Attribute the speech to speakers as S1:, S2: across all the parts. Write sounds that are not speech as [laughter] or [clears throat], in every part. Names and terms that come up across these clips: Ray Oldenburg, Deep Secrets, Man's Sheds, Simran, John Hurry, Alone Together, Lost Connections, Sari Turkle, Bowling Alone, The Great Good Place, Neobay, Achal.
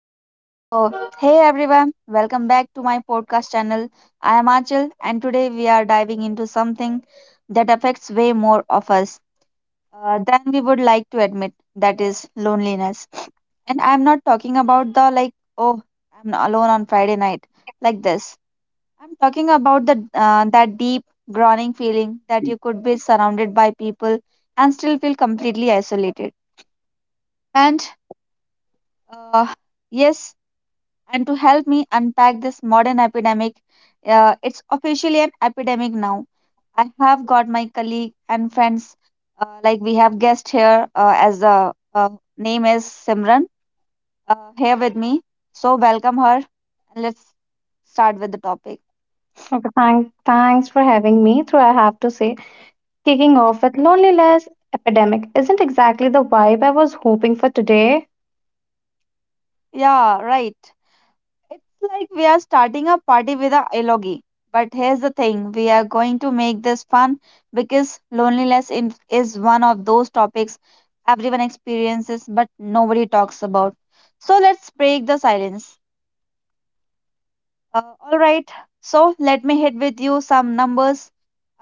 S1: Okay. So, hey everyone, welcome back to my podcast channel. I am Achal, and today we are diving into something that affects way more of us than we would like to admit that is, loneliness. And I'm not talking about the like, oh, I'm alone on Friday night, like this. I'm talking about the that deep, groaning feeling that you could be surrounded by people and still feel completely isolated. And uh, yes, And to help me unpack this modern epidemic, it's officially an epidemic now. I have got my colleague and friends, like we have guest here, as the name is Simran, here with me. So welcome her, and let's start with the topic.
S2: Okay, thanks for having me. Through, I have to say, kicking off with loneliness epidemic isn't exactly the vibe I was hoping for today.
S1: Yeah, right. It's like we are starting a party with a eulogy. But here's the thing we are going to make this fun because loneliness is one of those topics everyone experiences but nobody talks about. So let's break the silence. All right, so let me hit with you some numbers.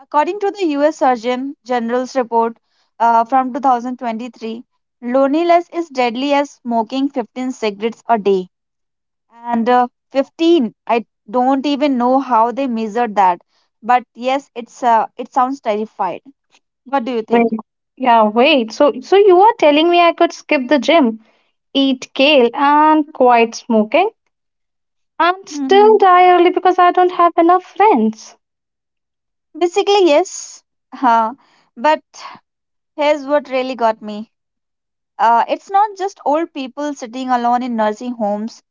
S1: According to the US Surgeon General's report from 2023, loneliness is deadly as smoking 15 cigarettes a day and 15 I don't even know how they measured that, but yes, it sounds terrified. What do you think?
S2: Wait. Yeah, wait. So you are telling me I could skip the gym, eat kale, and quit smoking, and still
S1: Hmm.
S2: die early because I don't have enough friends?
S1: Basically yes. Huh. But here's what really got me. It's not just old people sitting alone in nursing homes.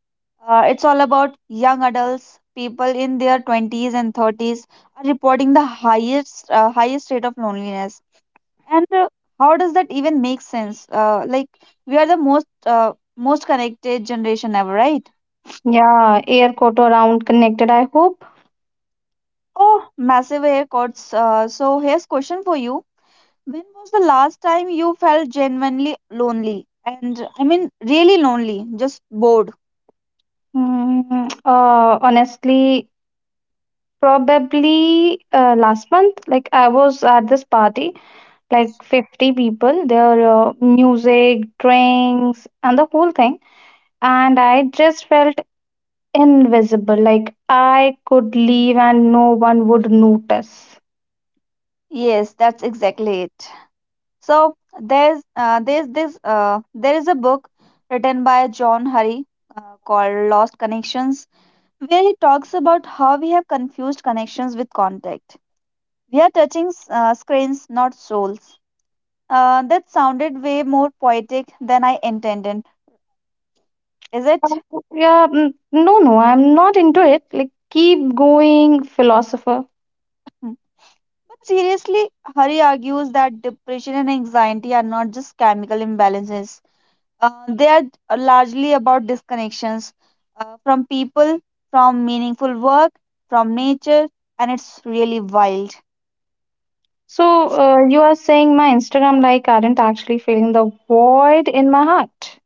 S1: It's all about young adults, people in their 20s and 30s are reporting the highest rate of loneliness. And How does that even make sense? Like we are the most connected generation ever, right?
S2: Yeah, air quote around connected, I hope.
S1: Oh, massive haircuts. So here's question for you. When was the last time you felt genuinely lonely? And I mean really lonely, just bored.
S2: Honestly, probably last month, like I was at this party like 50 people, their music, drinks, and the whole thing. And I just felt invisible, like I could leave and no one would notice.
S1: Yes, that's exactly it. So there is a book written by John Hurry called Lost Connections, where he talks about how we have confused connections with contact. We are touching screens, not souls. That sounded way more poetic than I intended, is it?
S2: Yeah, mm, no, no, I'm not into it. Like, keep going, philosopher.
S1: Hmm. But seriously, Hari argues that depression and anxiety are not just chemical imbalances, they are largely about disconnections from people, from meaningful work, from nature, and it's really wild.
S2: So you are saying my Instagram like aren't actually filling the void in my heart.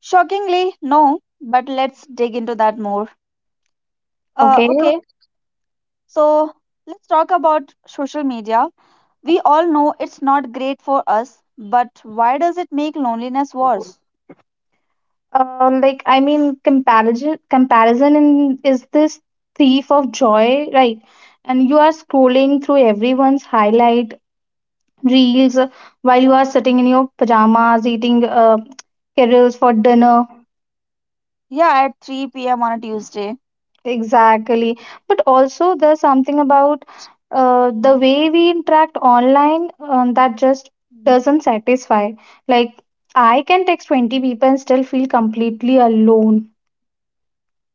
S1: Shockingly, no, but let's dig into that more. Uh,
S2: Okay.
S1: okay, so let's talk about social media. We all know it's not great for us, but why does it make loneliness worse?
S2: Like, I mean, comparison is this thief of joy, right? And you are scrolling through everyone's highlight reels, while you are sitting in your pajamas eating carols for dinner.
S1: Yeah, at 3 p.m. on a Tuesday.
S2: Exactly. But also, there's something about the way we interact online that just doesn't satisfy. Like, I can text 20 people and still feel completely alone.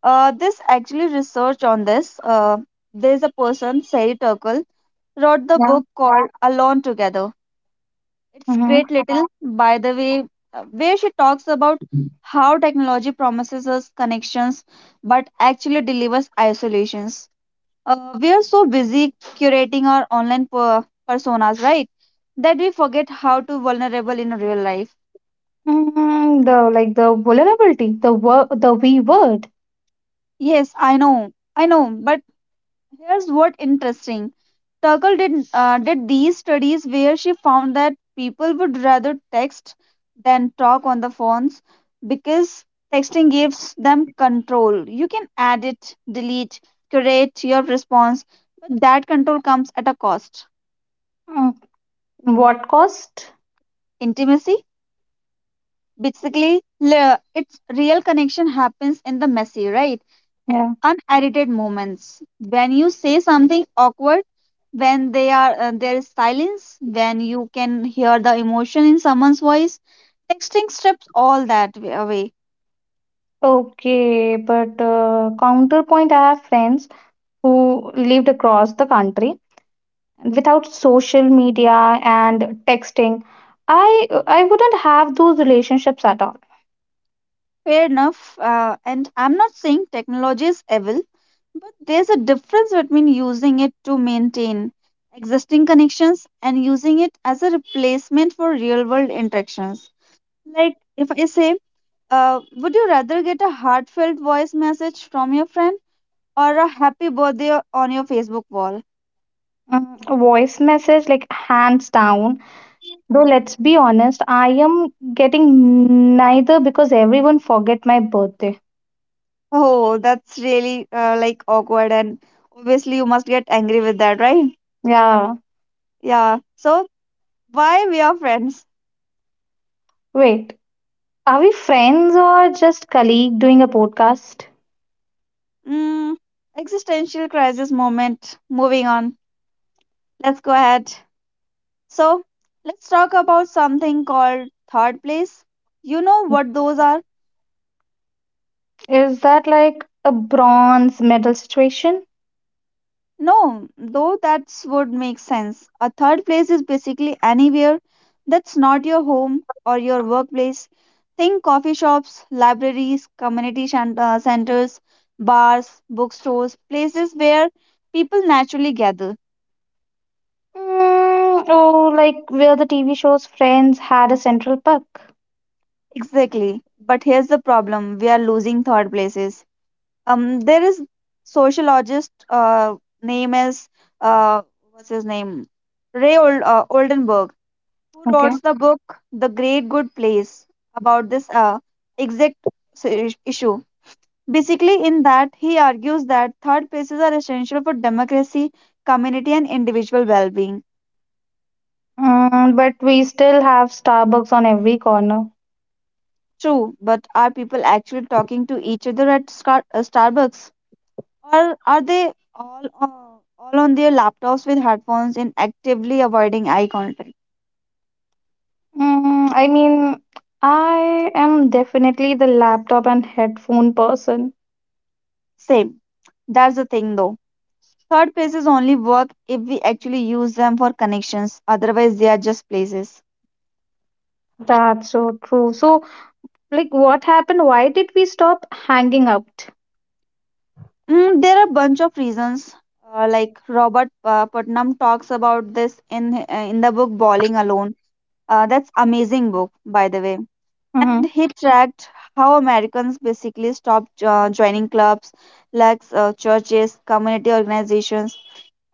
S1: This actually research on this. There's a person, Sari Turkle, wrote the
S2: Yeah.
S1: book called Alone Together. It's great little, by the way, where she talks about how technology promises us connections but actually delivers isolations. We are so busy curating our personas, right? That we forget how to vulnerable in real life.
S2: Mm, the, like, the vulnerability, the word, the V word.
S1: Yes, I know, I know. But here's what interesting. Turkle did these studies where she found that people would rather text than talk on the phones because texting gives them control. You can edit, delete, curate your response, but that control comes at a cost.
S2: Mm, what cost?
S1: Intimacy basically its real connection happens in the messy right and
S2: Yeah.
S1: unedited moments, when you say something awkward, when they are there is silence, when you can hear the emotion in someone's voice. Texting strips all that away.
S2: Okay, but counterpoint, I have friends who lived across the country without social media and texting. I wouldn't have those relationships at all.
S1: Fair enough. And I'm not saying technology is evil, but there's a difference between using it to maintain existing connections and using it as a replacement for real world interactions. Like if I say, would you rather get a heartfelt voice message from your friend or a happy birthday on your Facebook wall?
S2: Mm, voice message, like, hands down. Though let's be honest, I am getting neither because everyone forget my birthday.
S1: Oh, that's really like awkward, and obviously you must get angry with that, right?
S2: Yeah.
S1: Yeah. So why we are friends?
S2: Wait. Are we friends or just colleague doing a podcast?
S1: Mm, existential crisis moment. Moving on. Let's go ahead. So let's talk about something called third place. You know what those are?
S2: Is that like a bronze medal situation?
S1: No, though that would make sense. A third place is basically anywhere that's not your home or your workplace. Think coffee shops, libraries, community centers, bars, bookstores, places where people naturally gather.
S2: Mm, oh, like where the TV show's friends had a central park.
S1: Exactly. But here's the problem, we are losing third places. There is sociologist, name is uh, what's his name, Oldenburg, who
S2: Okay.
S1: wrote the book The Great Good Place about this exact issue. Basically, in that, he argues that third places are essential for democracy, community, and individual well being.
S2: Mm, but we still have Starbucks on every corner.
S1: True, but are people actually talking to each other at Starbucks? Or are they all, on their laptops with headphones and actively avoiding eye contact?
S2: Mm, I mean, I am definitely the laptop and headphone person.
S1: Same. That's the thing, though. Third places only work if we actually use them for connections, otherwise, they are just places.
S2: That's so true. So, like, what happened? Why did we stop hanging out?
S1: Mm, there are a bunch of reasons, like Robert Putnam talks about this in the book Balling Alone. That's amazing book, by the way. And he tracked how Americans basically stopped joining clubs, like churches, community organizations,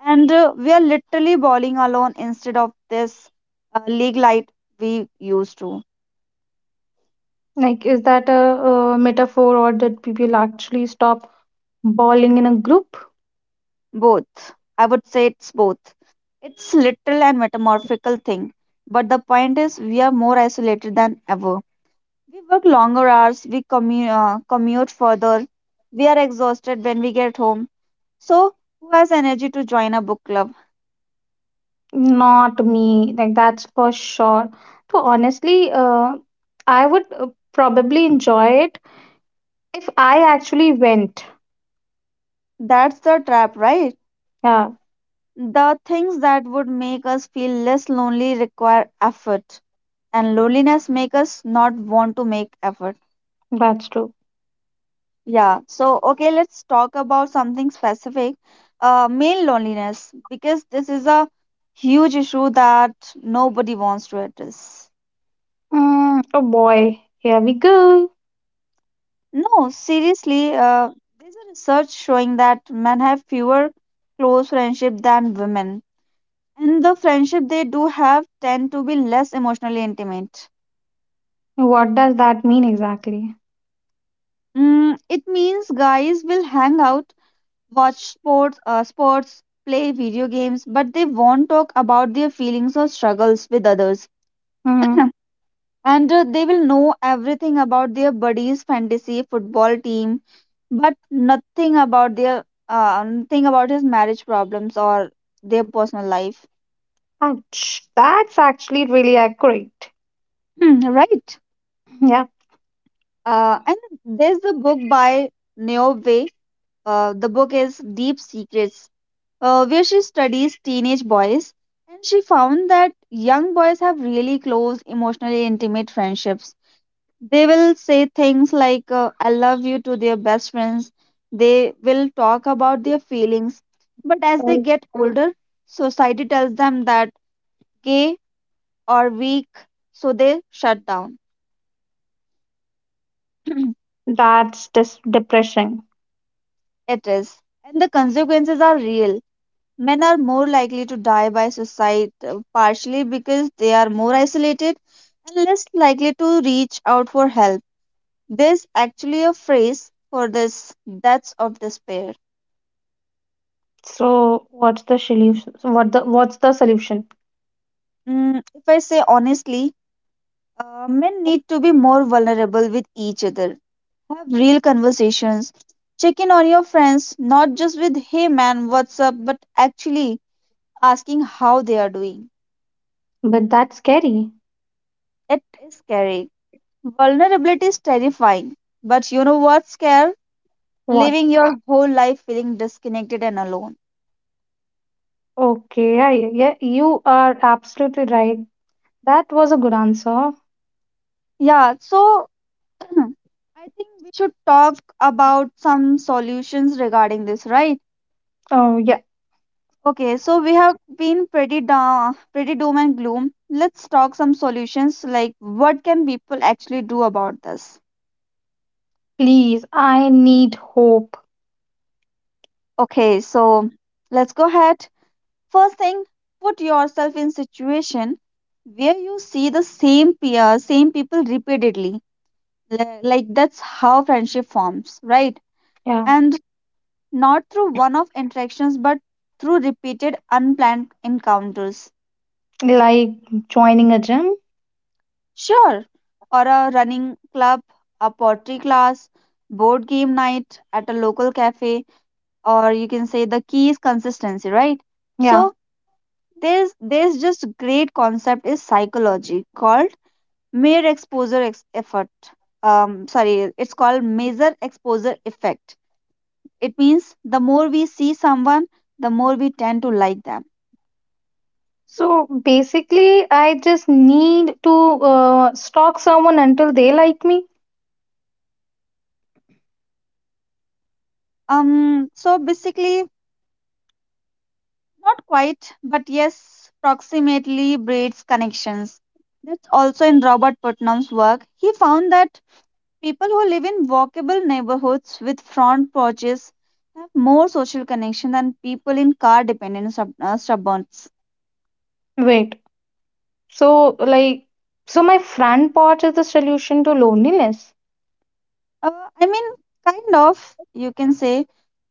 S1: and we are literally balling alone instead of this league light we used to.
S2: Like, is that a metaphor, or did people actually stop bawling in a group?
S1: Both. I would say it's both. It's literal and metamorphical thing. But the point is, we are more isolated than ever. We work longer hours, we commute further, we are exhausted when we get home. So, who has energy to join a book club?
S2: Not me. Like, that's for sure. So, honestly, I would, probably enjoy it if I actually went.
S1: That's the trap, right?
S2: Yeah,
S1: The things that would make us feel less lonely require effort, and loneliness makes us not want to make effort.
S2: that's true.
S1: Yeah, so okay, let's talk about something specific. Male loneliness, because this is a huge issue that nobody wants to address.
S2: Mm, oh boy, here we go.
S1: No, seriously, there's a research showing that men have fewer close friendships than women, and the friendship they do have tend to be less emotionally intimate.
S2: What does that mean exactly?
S1: Mm, it means guys will hang out, watch sports, play video games, but they won't talk about their feelings or struggles with others.
S2: Mm,
S1: And they will know everything about their buddies' fantasy football team, but nothing about his marriage problems or their personal life.
S2: ouch, that's actually really accurate.
S1: Hmm, right.
S2: Yeah,
S1: And there's a book by Neobay. The book is Deep Secrets, where she studies teenage boys. And she found that young boys have really close, emotionally intimate friendships. They will say things like, I love you to their best friends. They will talk about their feelings. But as they
S2: uh,
S1: get older, society tells them that gay or weak, so they shut down. [clears throat]
S2: that's just depressing.
S1: It is. And the consequences are real. Men are more likely to die by suicide, partially because they are more isolated and less likely to reach out for help. There's actually a phrase for this, deaths of despair.
S2: So what's the solution? So what the what's the solution?
S1: Mm, if I say honestly, men need to be more vulnerable with each other, have real conversations, check in on your friends, not just with, hey man, what's up, but actually asking how they are doing.
S2: But that's scary.
S1: It is scary. Vulnerability is terrifying, but you know what's scary?
S2: What?
S1: Living your whole life feeling disconnected and alone.
S2: Okay, yeah, yeah, yeah, you are absolutely right. That was a good answer.
S1: Yeah, so [clears throat] I think we should talk about some solutions regarding this, right?
S2: Oh yeah,
S1: Okay, so we have been pretty down, pretty doom and gloom. Let's talk some solutions, like what can people actually do about this?
S2: please, I need hope.
S1: Okay, so let's go ahead. First thing, put yourself in situation where you see the same peer, same people repeatedly. Like that's how friendship forms, right?
S2: Yeah,
S1: And not through one-off interactions, but through repeated unplanned encounters.
S2: like, joining a gym.
S1: Sure, or a running club, a pottery class, board game night at a local cafe, or you can say the key is consistency, right?
S2: Yeah.
S1: So there's just great concept is psychology called mere effort, sorry, it's called major exposure effect. It means the more we see someone, the more we tend to like them.
S2: So basically, I just need to stalk someone until they like me.
S1: Um so basically not quite, but yes, approximately breeds connections. That's also in Robert Putnam's work. He found that people who live in walkable neighborhoods with front porches have more social connection than people in car dependent suburbs.
S2: Wait. So, like, so my front porch is the solution to loneliness.
S1: Uh, I mean, kind of, you can say,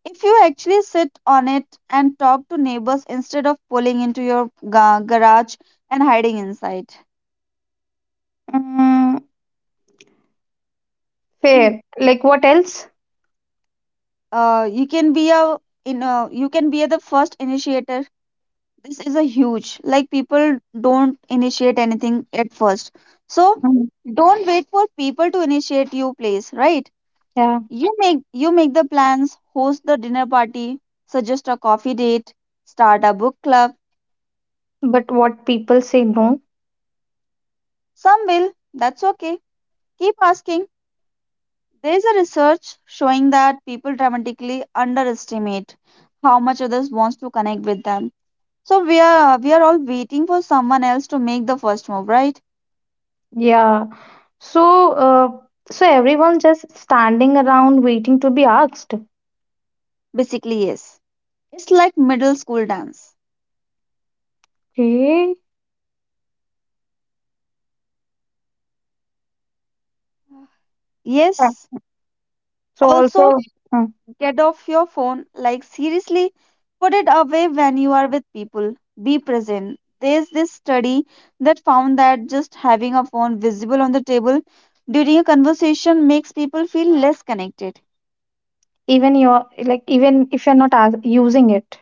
S1: if you actually sit on it and talk to neighbors instead of pulling into your garage and hiding inside.
S2: Mm,
S1: Hmm.
S2: fair. Like, what else?
S1: You can be a you can be the first initiator. This is a huge, like people don't initiate anything at first. So
S2: Mhm.
S1: don't wait for people to initiate you, please. Right?
S2: Yeah.
S1: You make the plans, host the dinner party, suggest a coffee date, start a book club.
S2: But what people say no.
S1: Some will, that's okay. Keep asking. There is a research showing that people dramatically underestimate how much others wants to connect with them. So we are all waiting for someone else to make the first move, right?
S2: Yeah. So, uh, so everyone just standing around waiting to be asked.
S1: Basically, yes. It's like middle school dance.
S2: Okay. Yeah.
S1: Yes.
S2: So
S1: Also,
S2: also, uh,
S1: get off your phone. Like, seriously, put it away when you are with people. Be present. There's this study that found that just having a phone visible on the table during a conversation makes people feel less connected.
S2: even you're like, even if you're not as using it,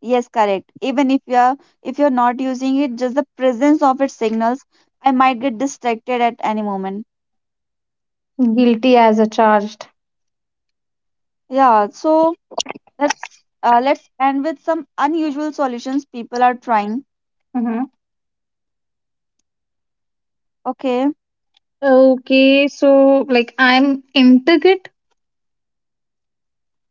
S1: Yes, correct. Even if you are if you're not using it, just the presence of it signals I might get distracted at any moment.
S2: guilty as a charged.
S1: Yeah, so let's end with some unusual solutions people are trying.
S2: Mm-hmm.
S1: Okay.
S2: Okay, so, like, I'm intrigued.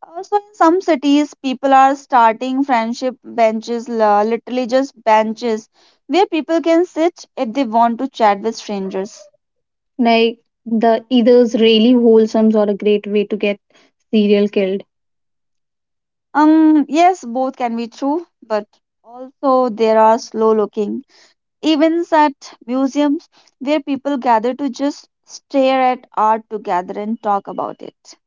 S1: So in some cities, people are starting friendship benches, literally just benches, where people can sit if they want to chat with strangers.
S2: Like, the either's really wholesome or a great way to get serial killed.
S1: Yes, both can be true, but also there are slow looking events at museums where people gather to just stare at art together and talk about it.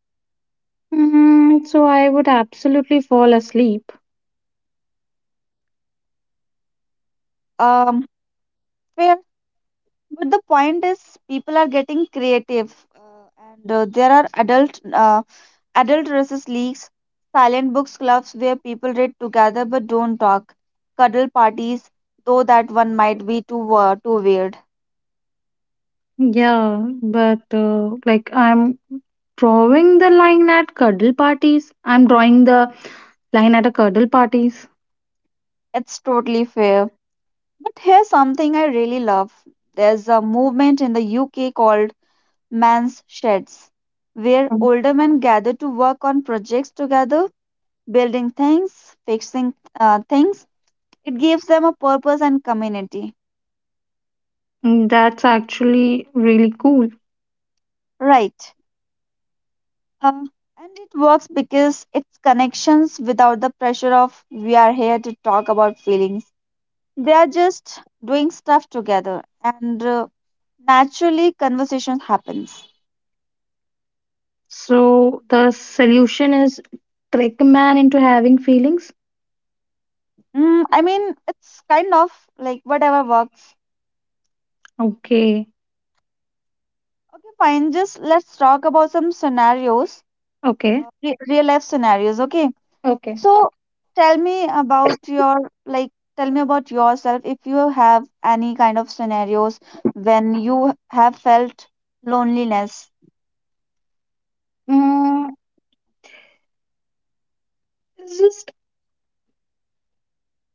S2: Mm, so I would absolutely fall asleep.
S1: Um, Fair, but the point is people are getting creative, and there are adult recess leagues, silent books clubs where people read together but don't talk, cuddle parties, though that one might be too weird.
S2: Yeah, but like, I'm drawing the line at cuddle parties. I'm drawing the line at a cuddle parties.
S1: It's totally fair. But here's something I really love. There's a movement in the UK called Man's Sheds, where
S2: Mm,
S1: older men gather to work on projects together, building things, fixing things. It gives them a purpose and community.
S2: That's actually really cool.
S1: Right. And it works because it's connections without the pressure of we are here to talk about feelings. They are just doing stuff together, and naturally conversation happens.
S2: So the solution is trick a man into having feelings.
S1: Mm, I mean, it's kind of like whatever works.
S2: Okay,
S1: Okay, fine. Just let's talk about some scenarios,
S2: okay,
S1: real life scenarios. Okay.
S2: okay.
S1: So tell me about your like tell me about yourself if you have any kind of scenarios when you have felt loneliness.
S2: Mm, it's just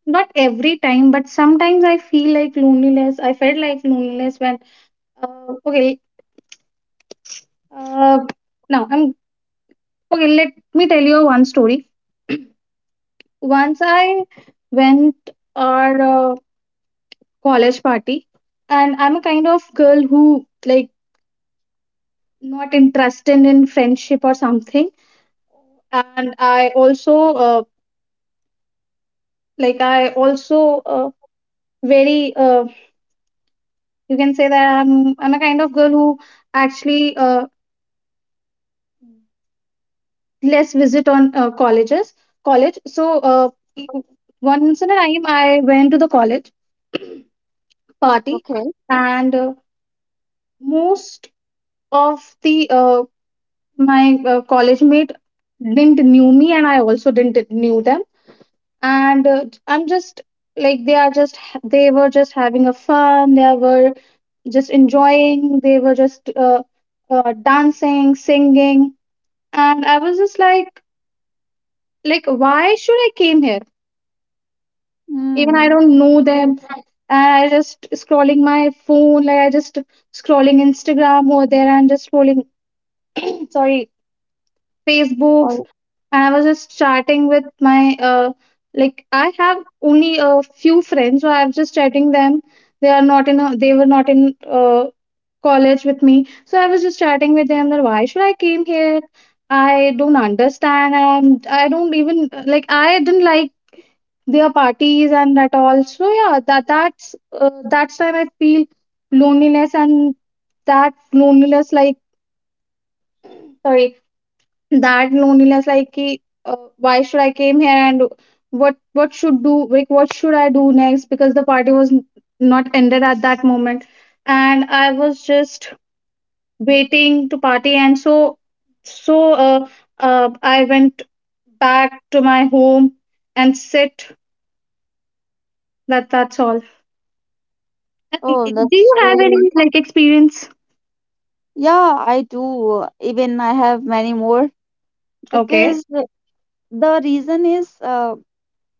S2: not every time, but sometimes I feel like loneliness. I felt like loneliness when, uh, okay Uh, now I'm okay. Let me tell you one story. [clears throat] Once I went our uh, college party, and I'm a kind of girl who like, not interested in friendship or something. And I also, uh, I also, very, you can say that I'm a kind of girl who actually, less visit on colleges college, so once in a time I went to the college [coughs] [clears throat] party.
S1: Okay.
S2: And most of the my college mate didn't knew me and I also didn't knew them. And I'm just like, they are just, they were just having a fun, they were just enjoying, they were just dancing, singing. And I was just like, why should I came here, even I
S1: Hmm.
S2: don't know them.
S1: Oh,
S2: And I just scrolling my phone, like, I just scrolling Instagram over there and just scrolling, sorry, Facebook.
S1: oh,
S2: And I was just chatting with my, like, I have only a few friends, so I was just chatting them. They were not in college with me, so I was just chatting with them that why should I came here? I don't understand, and I don't even like, I didn't like their parties and that all. So yeah, that's time I feel loneliness. And that loneliness like, sorry, that loneliness like, ki, why should I came here, and what should do, like, what should I do next, because the party was not ended at that moment. And I was just waiting to party, and so I went back to my home and sit. That that's all.
S1: oh,
S2: Do you
S1: that's
S2: have
S1: really
S2: any like experience?
S1: yeah, I do. Even I have many more
S2: Okay.
S1: because the reason is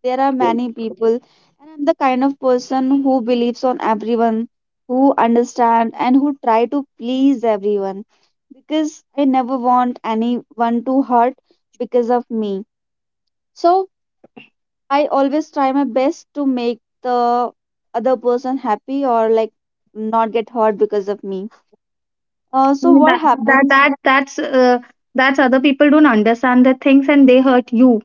S1: there are many people, and I'm the kind of person who believes on everyone, who understand and who try to please everyone because I never want anyone to hurt because of me. So I always try my best to make the other person happy or like not get hurt because of me. So
S2: Mm,
S1: what Mhm.
S2: that that
S1: happens?
S2: that that's other people don't understand the things and they hurt you.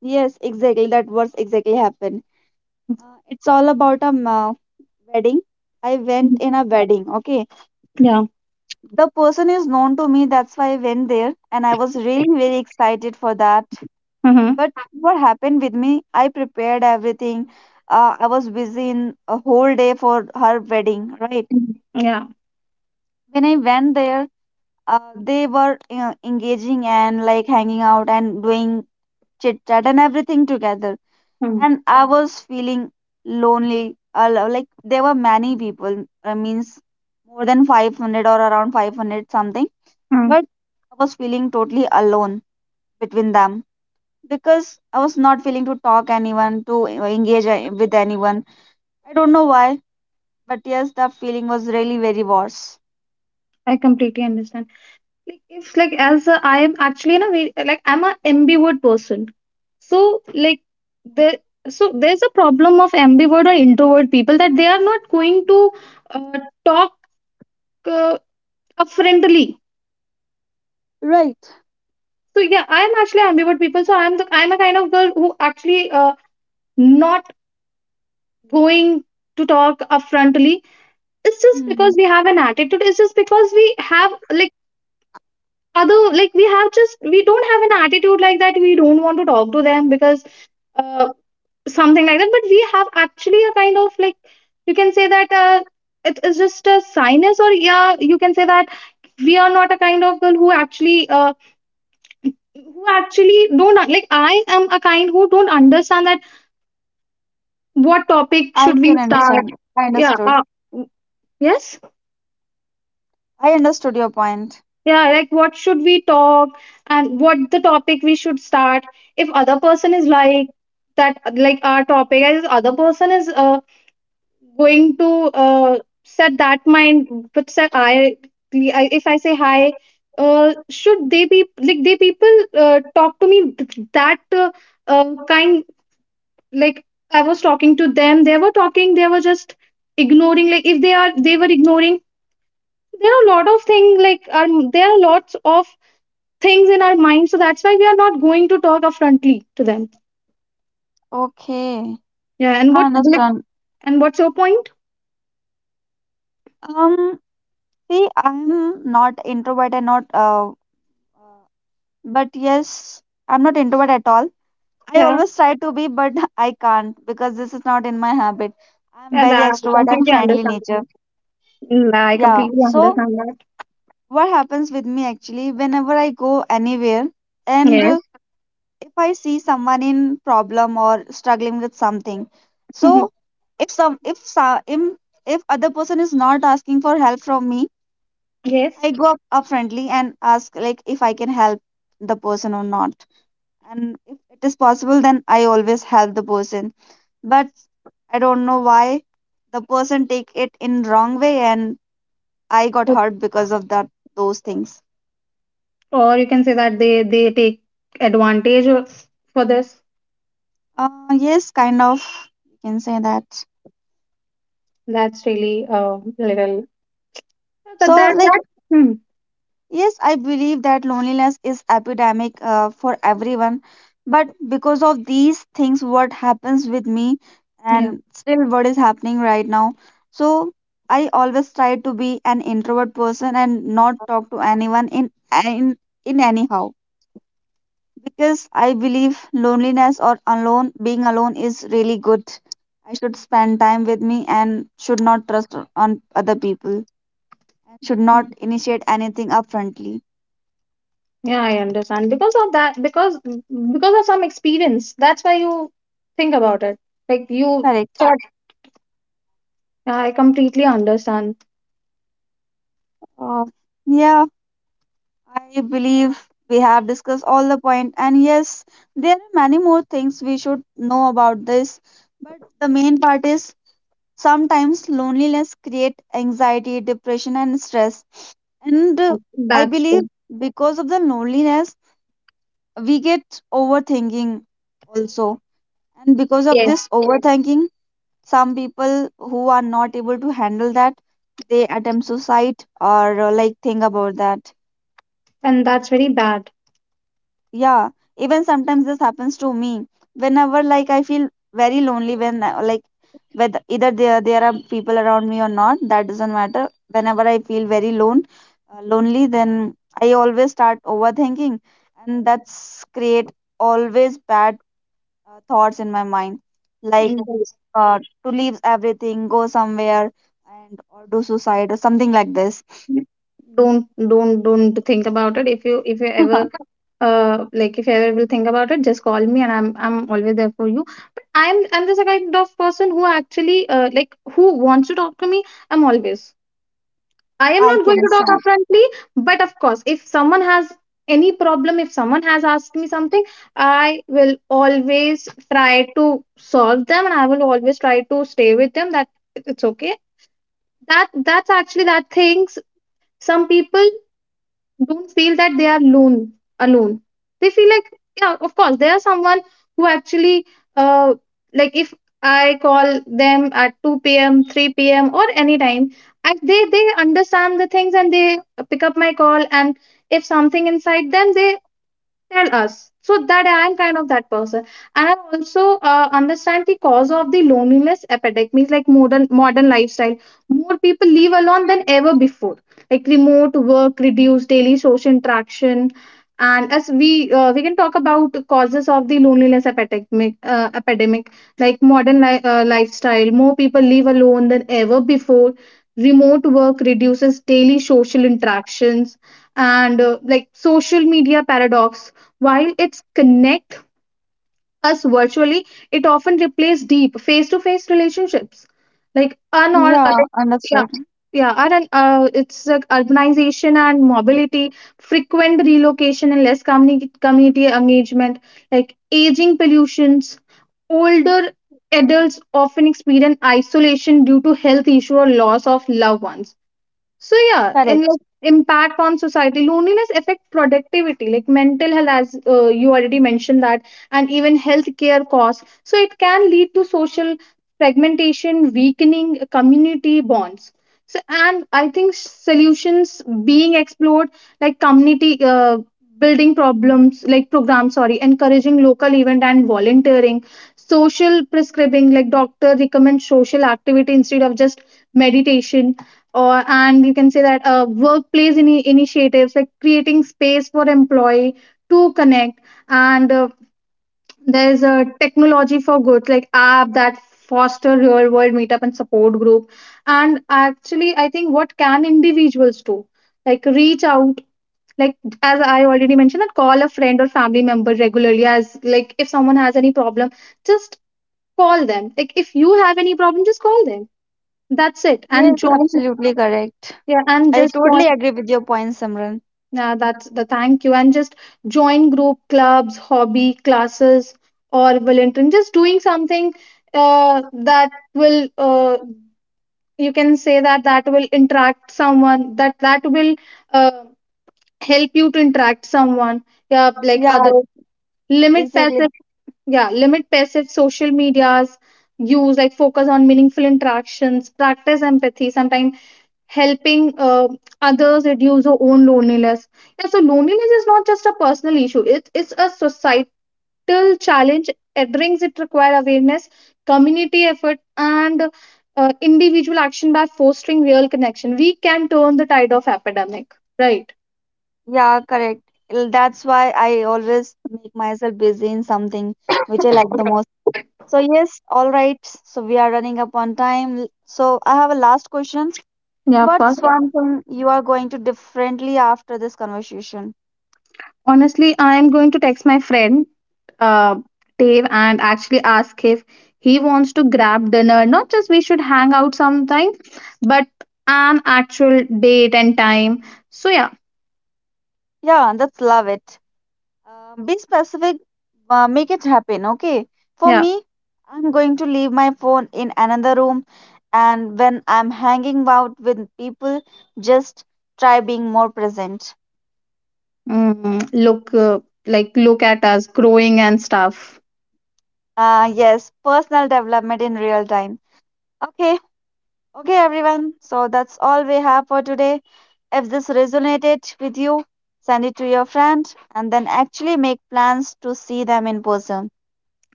S1: Yes, exactly. That was exactly happened. It's all about a wedding. I went in a wedding. Okay.
S2: Yeah.
S1: The person is known to me, that's why I went there, and I was really very excited for that. But what happened with me? I prepared everything. I was busy in a whole day for her wedding, right?
S2: Mm-hmm. Yeah.
S1: When I went there, they were engaging and like hanging out and doing chit chat and everything together.
S2: Mm.
S1: And I was feeling lonely. Like there were many people, means more than 500 or around 500 something.
S2: Mm.
S1: But I was feeling totally alone between them because I was not feeling to talk anyone, to engage with anyone. I don't know why, but yes, the feeling was really very worse.
S2: I completely understand. Like, if like, as a, I am actually in a way, like, I'm a ambivert person. So, like, the so there's a problem of ambivert or introvert people that they are not going to uh, talk uh, friendly.
S1: Right.
S2: So yeah, I am actually ambivert people. So I'm a kind of girl who actually not going to talk upfrontly. It's just
S1: Hmm.
S2: because we have an attitude. It's just because we have, like, although like, we have just, we don't have an attitude like that, we don't want to talk to them because uh, something like that, but we have actually a kind of, like, you can say that it is just a sinus, or yeah, you can say that we are not a kind of girl who actually don't, like, I am a kind who don't understand that what topic
S1: I
S2: should we
S1: can
S2: start.
S1: understand. I
S2: Yeah,
S1: understood.
S2: yes.
S1: I understood your point.
S2: Yeah, like, what should we talk and what the topic we should start? If other person is like, that, like, our topic is other person is going to uh, set that mind. But set i I- if I say hi, should they be like, they people talk to me, that uh, kind, like, I was talking to them, they were talking, they were just ignoring, like, if they are, they were ignoring. There are a lot of things, like, there are lots of things in our mind, so that's why we are not going to talk upfrontly to them.
S1: Okay.
S2: Yeah, and
S1: I
S2: what,
S1: understand.
S2: and what's your point?
S1: Um, See, I'm not introvert and not, uh, but yes, I'm not introvert at all. I
S2: Yeah,
S1: always try to be, but [laughs] I can't because this is not in my habit. I'm
S2: yeah,
S1: very
S2: that I
S1: extrovert and
S2: completely
S1: friendly
S2: understand.
S1: nature.
S2: Mm, I
S1: Yeah.
S2: completely
S1: So
S2: understand that.
S1: what happens with me actually, whenever I go anywhere and
S2: Yes.
S1: if I see someone in problem or struggling with something,
S2: Mhm.
S1: so if some if so- im- if other person is not asking for help from me,
S2: Yes.
S1: I go up friendly and ask like if I can help the person or not, and if it is possible then I always help the person. But I don't know why the person take it in wrong way and I got
S2: But,
S1: hurt because of that, those things.
S2: or you can say that they take advantage of, for this.
S1: uh yes, kind of, you can say that,
S2: That's really a little. that
S1: so
S2: that,
S1: like
S2: that hmm,
S1: yes, I believe that loneliness is epidemic for everyone, but because of these things, what happens with me
S2: yeah,
S1: and still what is happening right now. So I always try to be an introvert person and not talk to anyone in in anyhow because I believe loneliness or alone being alone is really good. I should spend time with me and should not trust on other people and should not initiate anything upfrontly.
S2: yeah, I understand, because of that, because of some experience, that's why you think about it, like you
S1: Correct.
S2: thought. Yeah, I completely understand.
S1: Uh, yeah, I believe we have discussed all the point, and yes, there are many more things we should know about this. But the main part is sometimes loneliness create anxiety, depression, and stress. And I
S2: That's
S1: believe
S2: true.
S1: because of the loneliness, we get overthinking also. And because of
S2: Yes,
S1: this overthinking, some people who are not able to handle that, they attempt suicide or like think about that.
S2: and that's very bad.
S1: Yeah, even sometimes this happens to me whenever like I feel very lonely when like whether either there are people around me or not, that doesn't matter. Whenever I feel very lonely, then I always start overthinking, and that's create always bad thoughts in my mind, like
S2: Mm, yes.
S1: uh, to leave everything, go somewhere and or do suicide or something like this.
S2: Don't think about it. If you, if you ever,
S1: [laughs]
S2: like, if you ever will think about it, just call me, and I'm always there for you. But I'm just a kind of person who actually, like, who wants to talk to me. I'm always. I am
S1: I
S2: not going
S1: can
S2: to talk up
S1: understand.
S2: frankly, but of course, if someone has any problem, if someone has asked me something, I will always try to solve them, and I will always try to stay with them. That, it's okay. That that's actually that things. Some people don't feel that they are lone, alone, they feel like, yeah, of course there are someone who actually, uh like, if I call them at 2 p.m, 3 p.m, or any time, they understand the things, and they pick up my call. And if something inside them, they tell us. So that I am kind of that person. And I also understand the cause of the loneliness epidemic, means, like, modern, modern lifestyle, more people live alone than ever before, like, remote work reduced daily social interaction. And as we, we can talk about causes of the loneliness epidemic, like, modern, lifestyle, more people live alone than ever before, remote work reduces daily social interactions. And like, social media paradox, while it's connect us virtually, it often replaces deep face-to-face relationships. Like, unor
S1: Yeah,
S2: like, yeah.
S1: understood.
S2: Yeah, it's like urbanization and mobility, frequent relocation and less community engagement, like, aging pollutions. Older adults often experience isolation due to health issue or loss of loved ones. So yeah, in
S1: Correct.
S2: like impact on society, loneliness affect productivity, like mental health, as, you already mentioned that, and even healthcare costs. So it can lead to social fragmentation, weakening community bonds. So, and I think solutions being explored, like community, building problems, like, programs, sorry, encouraging local event and volunteering, social prescribing, like, doctor recommend social activity instead of just meditation. Or, and you can say that, workplace initiatives, like creating space for employee to connect. And there's a technology for good, like, app that foster real world meetup and support group. And actually, I think, what can individuals do? Like, reach out, like, as I already mentioned, that call a friend or family member regularly, as, like, if someone has any problem, just call them, like, if you have any problem, just call them. That's it. And
S1: Yes,
S2: join.
S1: absolutely correct.
S2: Yeah, and
S1: I
S2: just,
S1: totally agree with your point, Samran.
S2: yeah, that's the thank you. And just join group, clubs, hobby, classes, or volunteering. Just doing something, that will, you can say that that will interact someone, that that will uh, help you to interact someone. Yeah, like other,
S1: Yeah,
S2: limit
S1: exactly.
S2: passive, yeah, limit passive social medias use, like focus on meaningful interactions, practice empathy. Sometimes helping others reduce your own loneliness. Yeah, so loneliness is not just a personal issue; it is a societal challenge. It brings, it require awareness, community effort, and individual action. By fostering real connection, we can turn the tide of epidemic, right?
S1: Yeah, correct. That's why I always make myself busy in something which I like the most. So, yes, all right. So, we are running up on time. So, I have a last question.
S2: Yeah, of course.
S1: What's one thing you are going to differently after this conversation?
S2: Honestly, I am going to text my friend, uh, Dave, and actually ask if he wants to grab dinner. Not just we should hang out sometime, but an actual date and time. So yeah,
S1: Yeah, that's love it. Be specific, make it happen, okay? For
S2: yeah.
S1: me, I'm going to leave my phone in another room, and when I'm hanging out with people, just try being more present.
S2: Mm, look, like, look at us growing and stuff.
S1: Yes, personal development in real time. Okay, okay, everyone. So that's all we have for today. If this resonated with you, send it to your friend and then actually make plans to see them in person.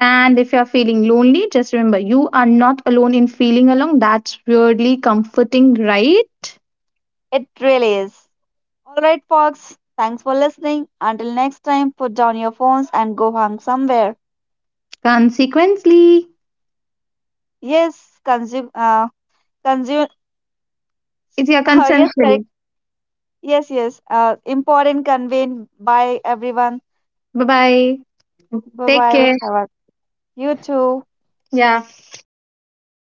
S2: And if you're feeling lonely, just remember, you are not alone in feeling alone. That's weirdly comforting, right?
S1: It really is. All right, folks, thanks for listening. Until next time, put down your phones and go hang somewhere.
S2: Consequently,
S1: Yes, consume,
S2: it's your
S1: [laughs] yes, correct.
S2: consensually.
S1: Yes, yes, important conveyed by everyone.
S2: Bye bye.
S1: Bye
S2: Take
S1: bye.
S2: care.
S1: Have a you too.
S2: Yeah.